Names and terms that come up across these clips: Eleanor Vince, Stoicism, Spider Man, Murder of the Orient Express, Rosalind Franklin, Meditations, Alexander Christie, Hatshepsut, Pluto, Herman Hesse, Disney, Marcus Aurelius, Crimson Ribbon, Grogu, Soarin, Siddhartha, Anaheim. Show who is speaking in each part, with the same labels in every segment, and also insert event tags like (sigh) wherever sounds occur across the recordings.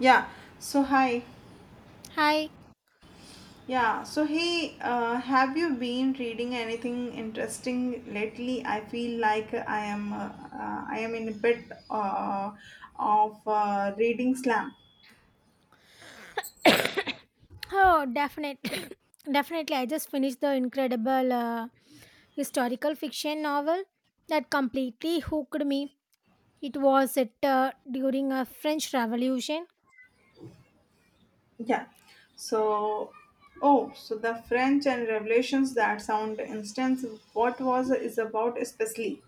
Speaker 1: Yeah. So hi.
Speaker 2: Hi.
Speaker 1: Yeah. So hey, have you been reading anything interesting lately? I feel like I am in a bit uh, of reading slam.
Speaker 2: (coughs) Oh, definitely. (coughs) Definitely. I just finished the incredible historical fiction novel that completely hooked me. It was it during a French Revolution.
Speaker 1: Yeah. So oh, so the French and Revelations that sound instance. What was is about especially?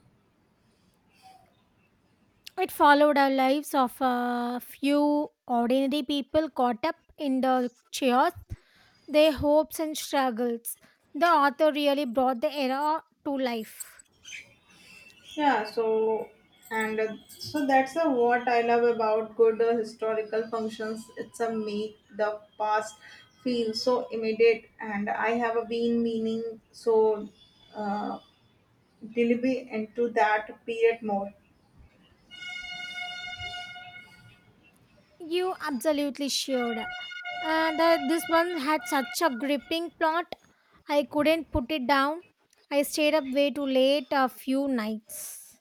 Speaker 2: It followed our lives of a few ordinary people caught up in the chaos, their hopes and struggles. The author really brought the era to life.
Speaker 1: Yeah, so and so that's what I love about good historical functions. It's a make the past feel so immediate, and I have been meaning so uh, delibly into that period more.
Speaker 2: You absolutely should. This one had such a gripping plot. I couldn't put it down. I stayed up way too late a few nights.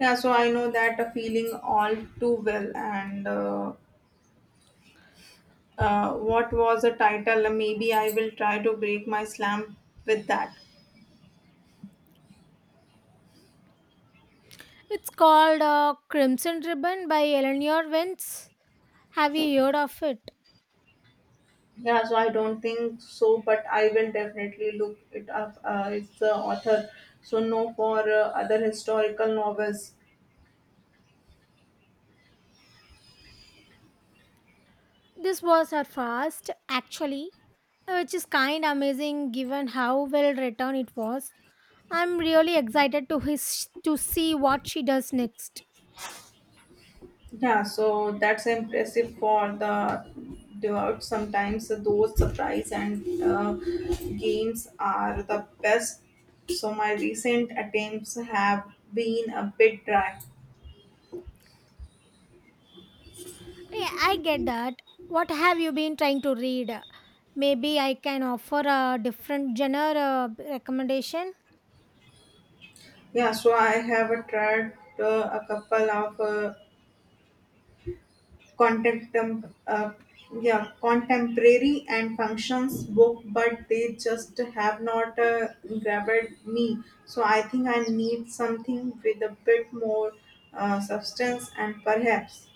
Speaker 1: Yeah, so I know that feeling all too well. And what was the title? Maybe I will try to break my slam with that.
Speaker 2: It's called Crimson Ribbon by Eleanor Vince. Have you heard of it?
Speaker 1: Yeah, so I don't think so, but I will definitely look it up. It's the author, so no for other historical novels.
Speaker 2: This was her first, actually, which is kind amazing given how well written it was. I'm really excited to see what she does next.
Speaker 1: Yeah, so that's impressive for the devout. Sometimes so, those surprise and games are the best. So my recent attempts have been a bit dry.
Speaker 2: Yeah, I get that. What have you been trying to read? Maybe I can offer a different genre recommendation.
Speaker 1: Yeah, so I have tried a couple of contem- uh, yeah, contemporary and functions book, but they just have not grabbed me. So I think I need something with a bit more substance and perhaps,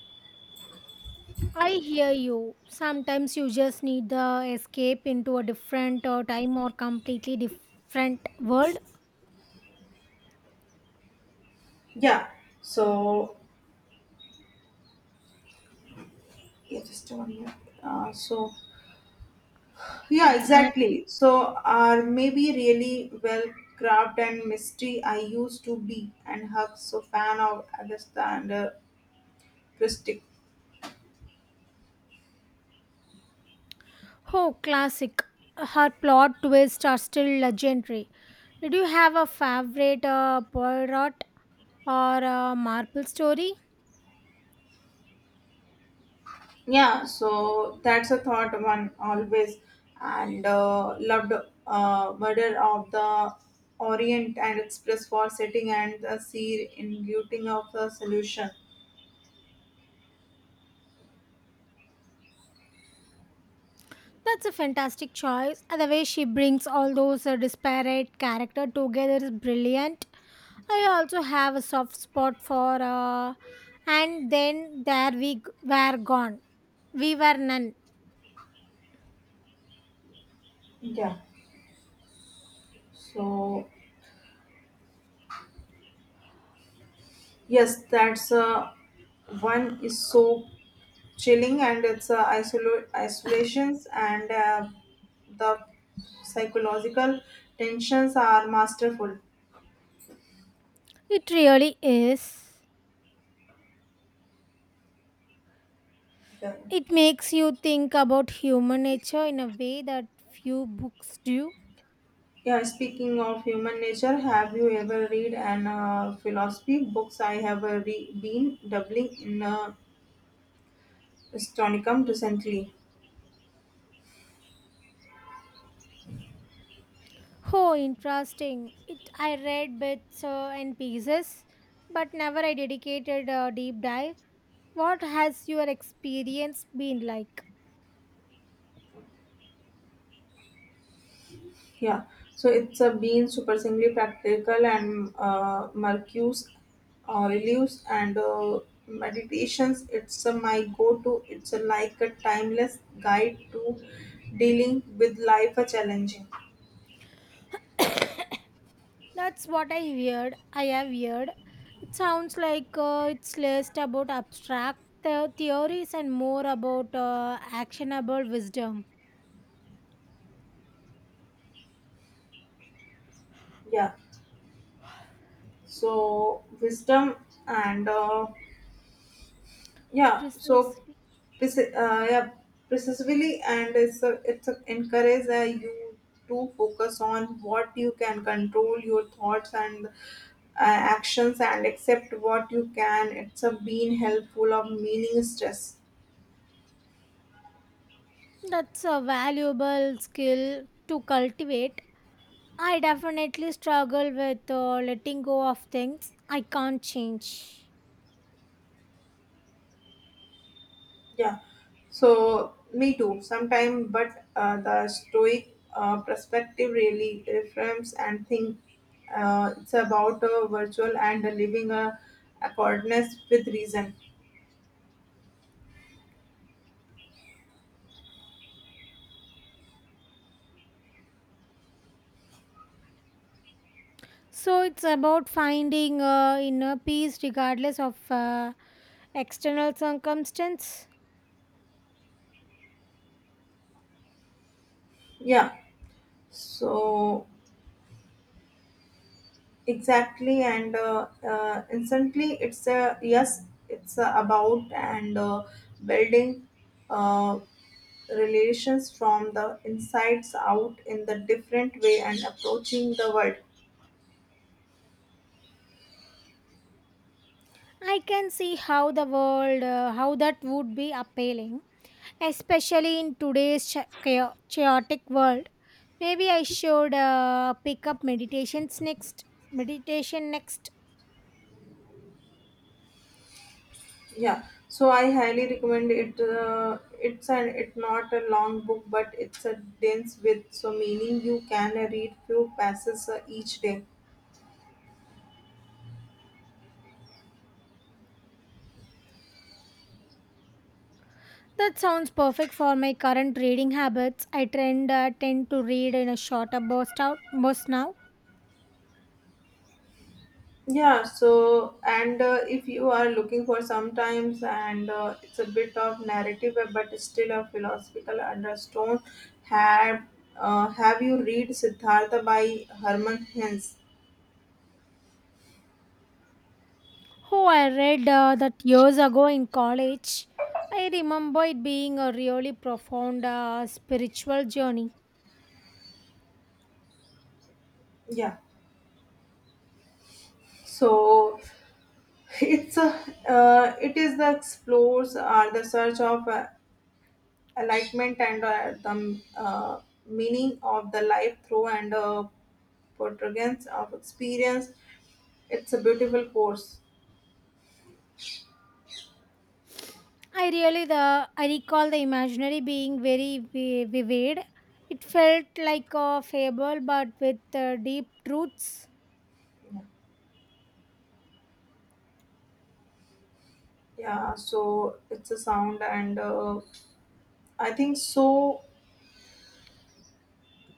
Speaker 2: I hear you. Sometimes you just need the escape into a different time or completely different world.
Speaker 1: yeah. So yeah, just one here. So yeah,
Speaker 2: Exact.
Speaker 1: exactly. So are maybe really well crafted and mystery I used to be and hug so fan of Alexander Christie.
Speaker 2: Oh, classic. Her plot twists are still legendary. Did you have a favorite Poirot or Marple story?
Speaker 1: Yeah, so that's a thought one always and loved Murder of the Orient and Express for setting and the sea in beauty of the solution.
Speaker 2: That's a fantastic choice. And the way she brings all those disparate character together is brilliant. I also have a soft spot for and then there were gone. We were none.
Speaker 1: Yeah, so yes, that's one is so chilling and it's isolations and the psychological tensions are masterful.
Speaker 2: It really is.
Speaker 1: Yeah.
Speaker 2: It makes you think about human nature in a way that few books do.
Speaker 1: Yeah, speaking of human nature, have you ever read an philosophy books? I have been doubling in Stonicum recently.
Speaker 2: Oh, interesting. It I read bits and pieces, but never I dedicated a deep dive. What has your experience been like?
Speaker 1: Yeah, so it's been surprisingly practical and Marcus Aurelius and meditations. It's my go-to. It's like a timeless guide to dealing with life challenging.
Speaker 2: (coughs) That's what I heard. I have heard. It sounds like it's less about theories and more about actionable wisdom.
Speaker 1: Yeah, so wisdom and. Yeah so
Speaker 2: Precisely.
Speaker 1: yeah precisely and it's a encourage you to focus on what you can control your thoughts and actions and accept what you can it's a being helpful of meaning stress
Speaker 2: That's a valuable skill to cultivate. I definitely struggle with letting go of things I can't change.
Speaker 1: yeah so me too sometime but the stoic perspective really reframes and think it's about a virtual and a living a accordance with reason
Speaker 2: So it's about finding inner peace regardless of external circumstance.
Speaker 1: yeah. So exactly, and instantly, it's a yes, it's a about and building uh, relations from the insides out in the different way and approaching the world.
Speaker 2: I can see how how that would be appealing, especially in today's chaotic world. Maybe I should pick up meditations next. Meditation next.
Speaker 1: Yeah, so I highly recommend it. It's an it's not a long book, but it's a dense with so meaning you can read few passages each day.
Speaker 2: That sounds perfect for my current reading habits. I tend to read in a shorter burst now.
Speaker 1: Yeah, so and if you are looking for sometimes and it's a bit of narrative but still a philosophical undertone have have you read Siddhartha by Herman Hesse?
Speaker 2: Oh, I read that years ago in college. I remember it being a really profound spiritual journey.
Speaker 1: Yeah. So (laughs) it's a it is the explores are the search of enlightenment and the meaning of the life through and portrayals of experience. It's a beautiful course.
Speaker 2: I really the I recall the imaginary being vivid. It felt like a fable, but with deep truths.
Speaker 1: Yeah, so it's a sound, and I think so.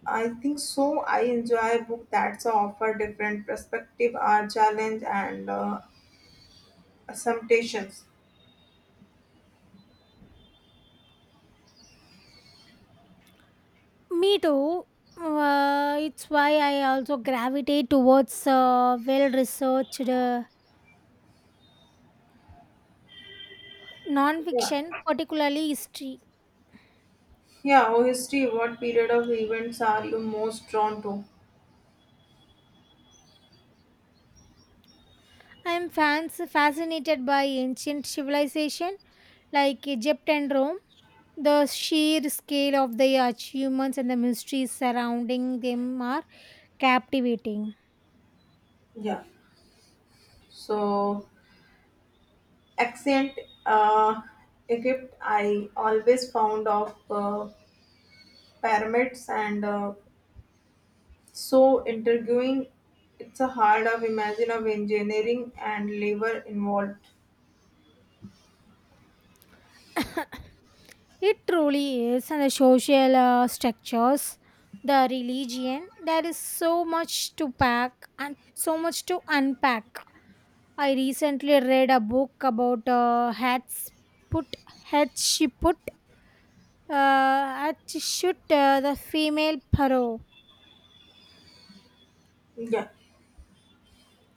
Speaker 1: I think so. I enjoy a book that's offer different perspective, or challenge, and assumptions.
Speaker 2: Me too. It's why I also gravitate towards well-researched
Speaker 1: Yeah,
Speaker 2: non-fiction, particularly history.
Speaker 1: yeah. Oh, history. What period of events are you most drawn to?
Speaker 2: I am fans fascinated by ancient civilization like Egypt and Rome. The sheer scale of their achievements and the mysteries surrounding them are captivating.
Speaker 1: Yeah. So accent, uh, Egypt. I always found of pyramids and so interviewing it's a hard of imagine of engineering and labor involved
Speaker 2: (coughs) It truly is, and the social structures, the religion, there is so much to pack and so much to unpack. I recently read a book about put, Hatshepsut, Hatshepsut, the female pharaoh.
Speaker 1: yeah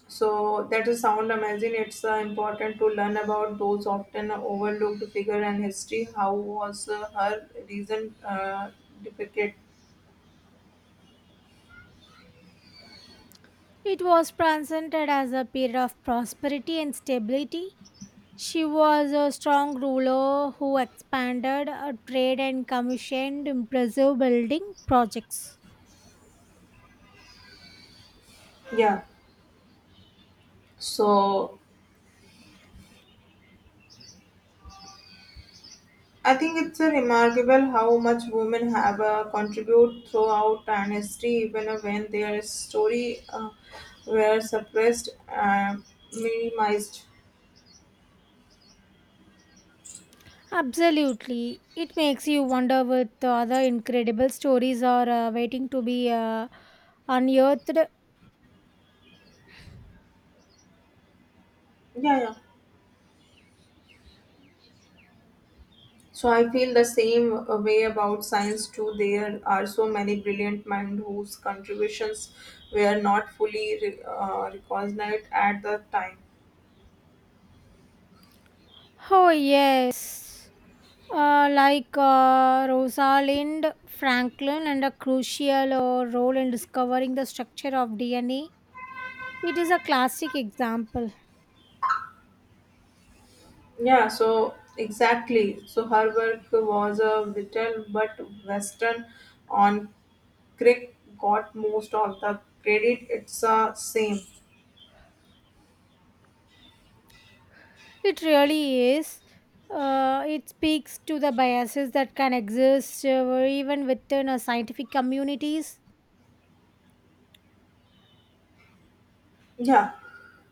Speaker 1: so that is sound amazing it's important to learn about those often overlooked figure and history how was her reason depicted
Speaker 2: It was presented as a period of prosperity and stability. She was a strong ruler who expanded her trade and commissioned impressive building projects.
Speaker 1: yeah so I think it's a remarkable how much women have contribute throughout and history even when their story were suppressed and minimized
Speaker 2: Absolutely. It makes you wonder what the other incredible stories are waiting to be unearthed.
Speaker 1: yeah yeah. So I feel the same way about science too. There are so many brilliant minds whose contributions were not fully recognized at the time.
Speaker 2: Oh, yes. Like Rosalind Franklin and a crucial role in discovering the structure of DNA. It is a classic example.
Speaker 1: Yeah, so exactly. So her work was a vital but Western on Crick got most of the credit. It's the same.
Speaker 2: It really is. It speaks to the biases that can exist even within our scientific communities.
Speaker 1: Yeah.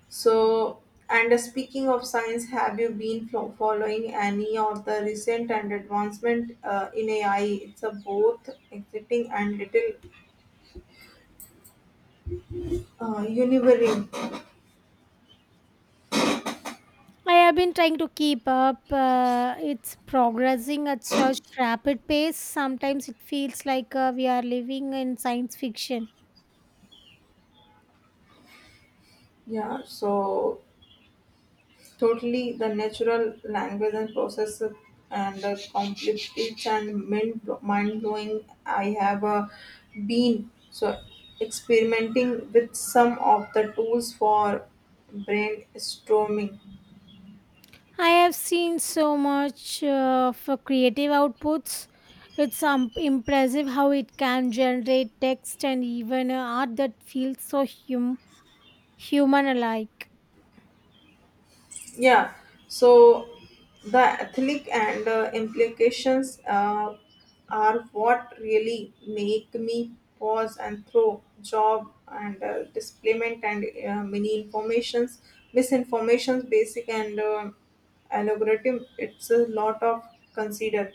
Speaker 1: So, and speaking of science, have you been following any of the recent and advancement in AI? It's a both exciting and little univering.
Speaker 2: I have been trying to keep up. It's progressing at such rapid pace. Sometimes it feels like we are living in science fiction.
Speaker 1: Yeah, so totally the natural language and process of- and the complex and mind blowing. I have been so experimenting with some of the tools for brainstorming.
Speaker 2: I have seen so much for creative outputs. It's impressive how it can generate text and even art that feels human alike.
Speaker 1: Yeah, so the ethnic and implications are what really make me pause and throw job and displacement and many informations, misinformations, basic and algorithm. It's a lot of consider.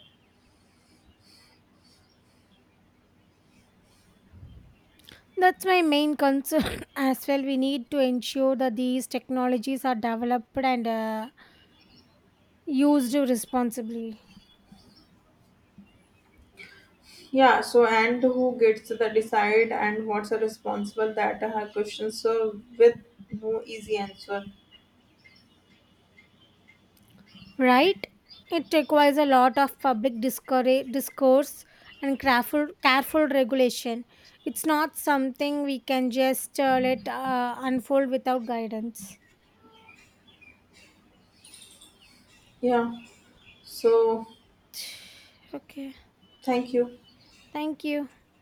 Speaker 2: That's my main concern (laughs) as well. We need to ensure that these technologies are developed and used responsibly,
Speaker 1: Yeah, so and who gets the decide and what's the responsible that are questions so with no easy answer.
Speaker 2: right? It requires a lot of discourse and careful, careful regulation. It's not something we can just let unfold without guidance.
Speaker 1: Yeah, so
Speaker 2: (sighs) Okay,
Speaker 1: thank you.
Speaker 2: thank you.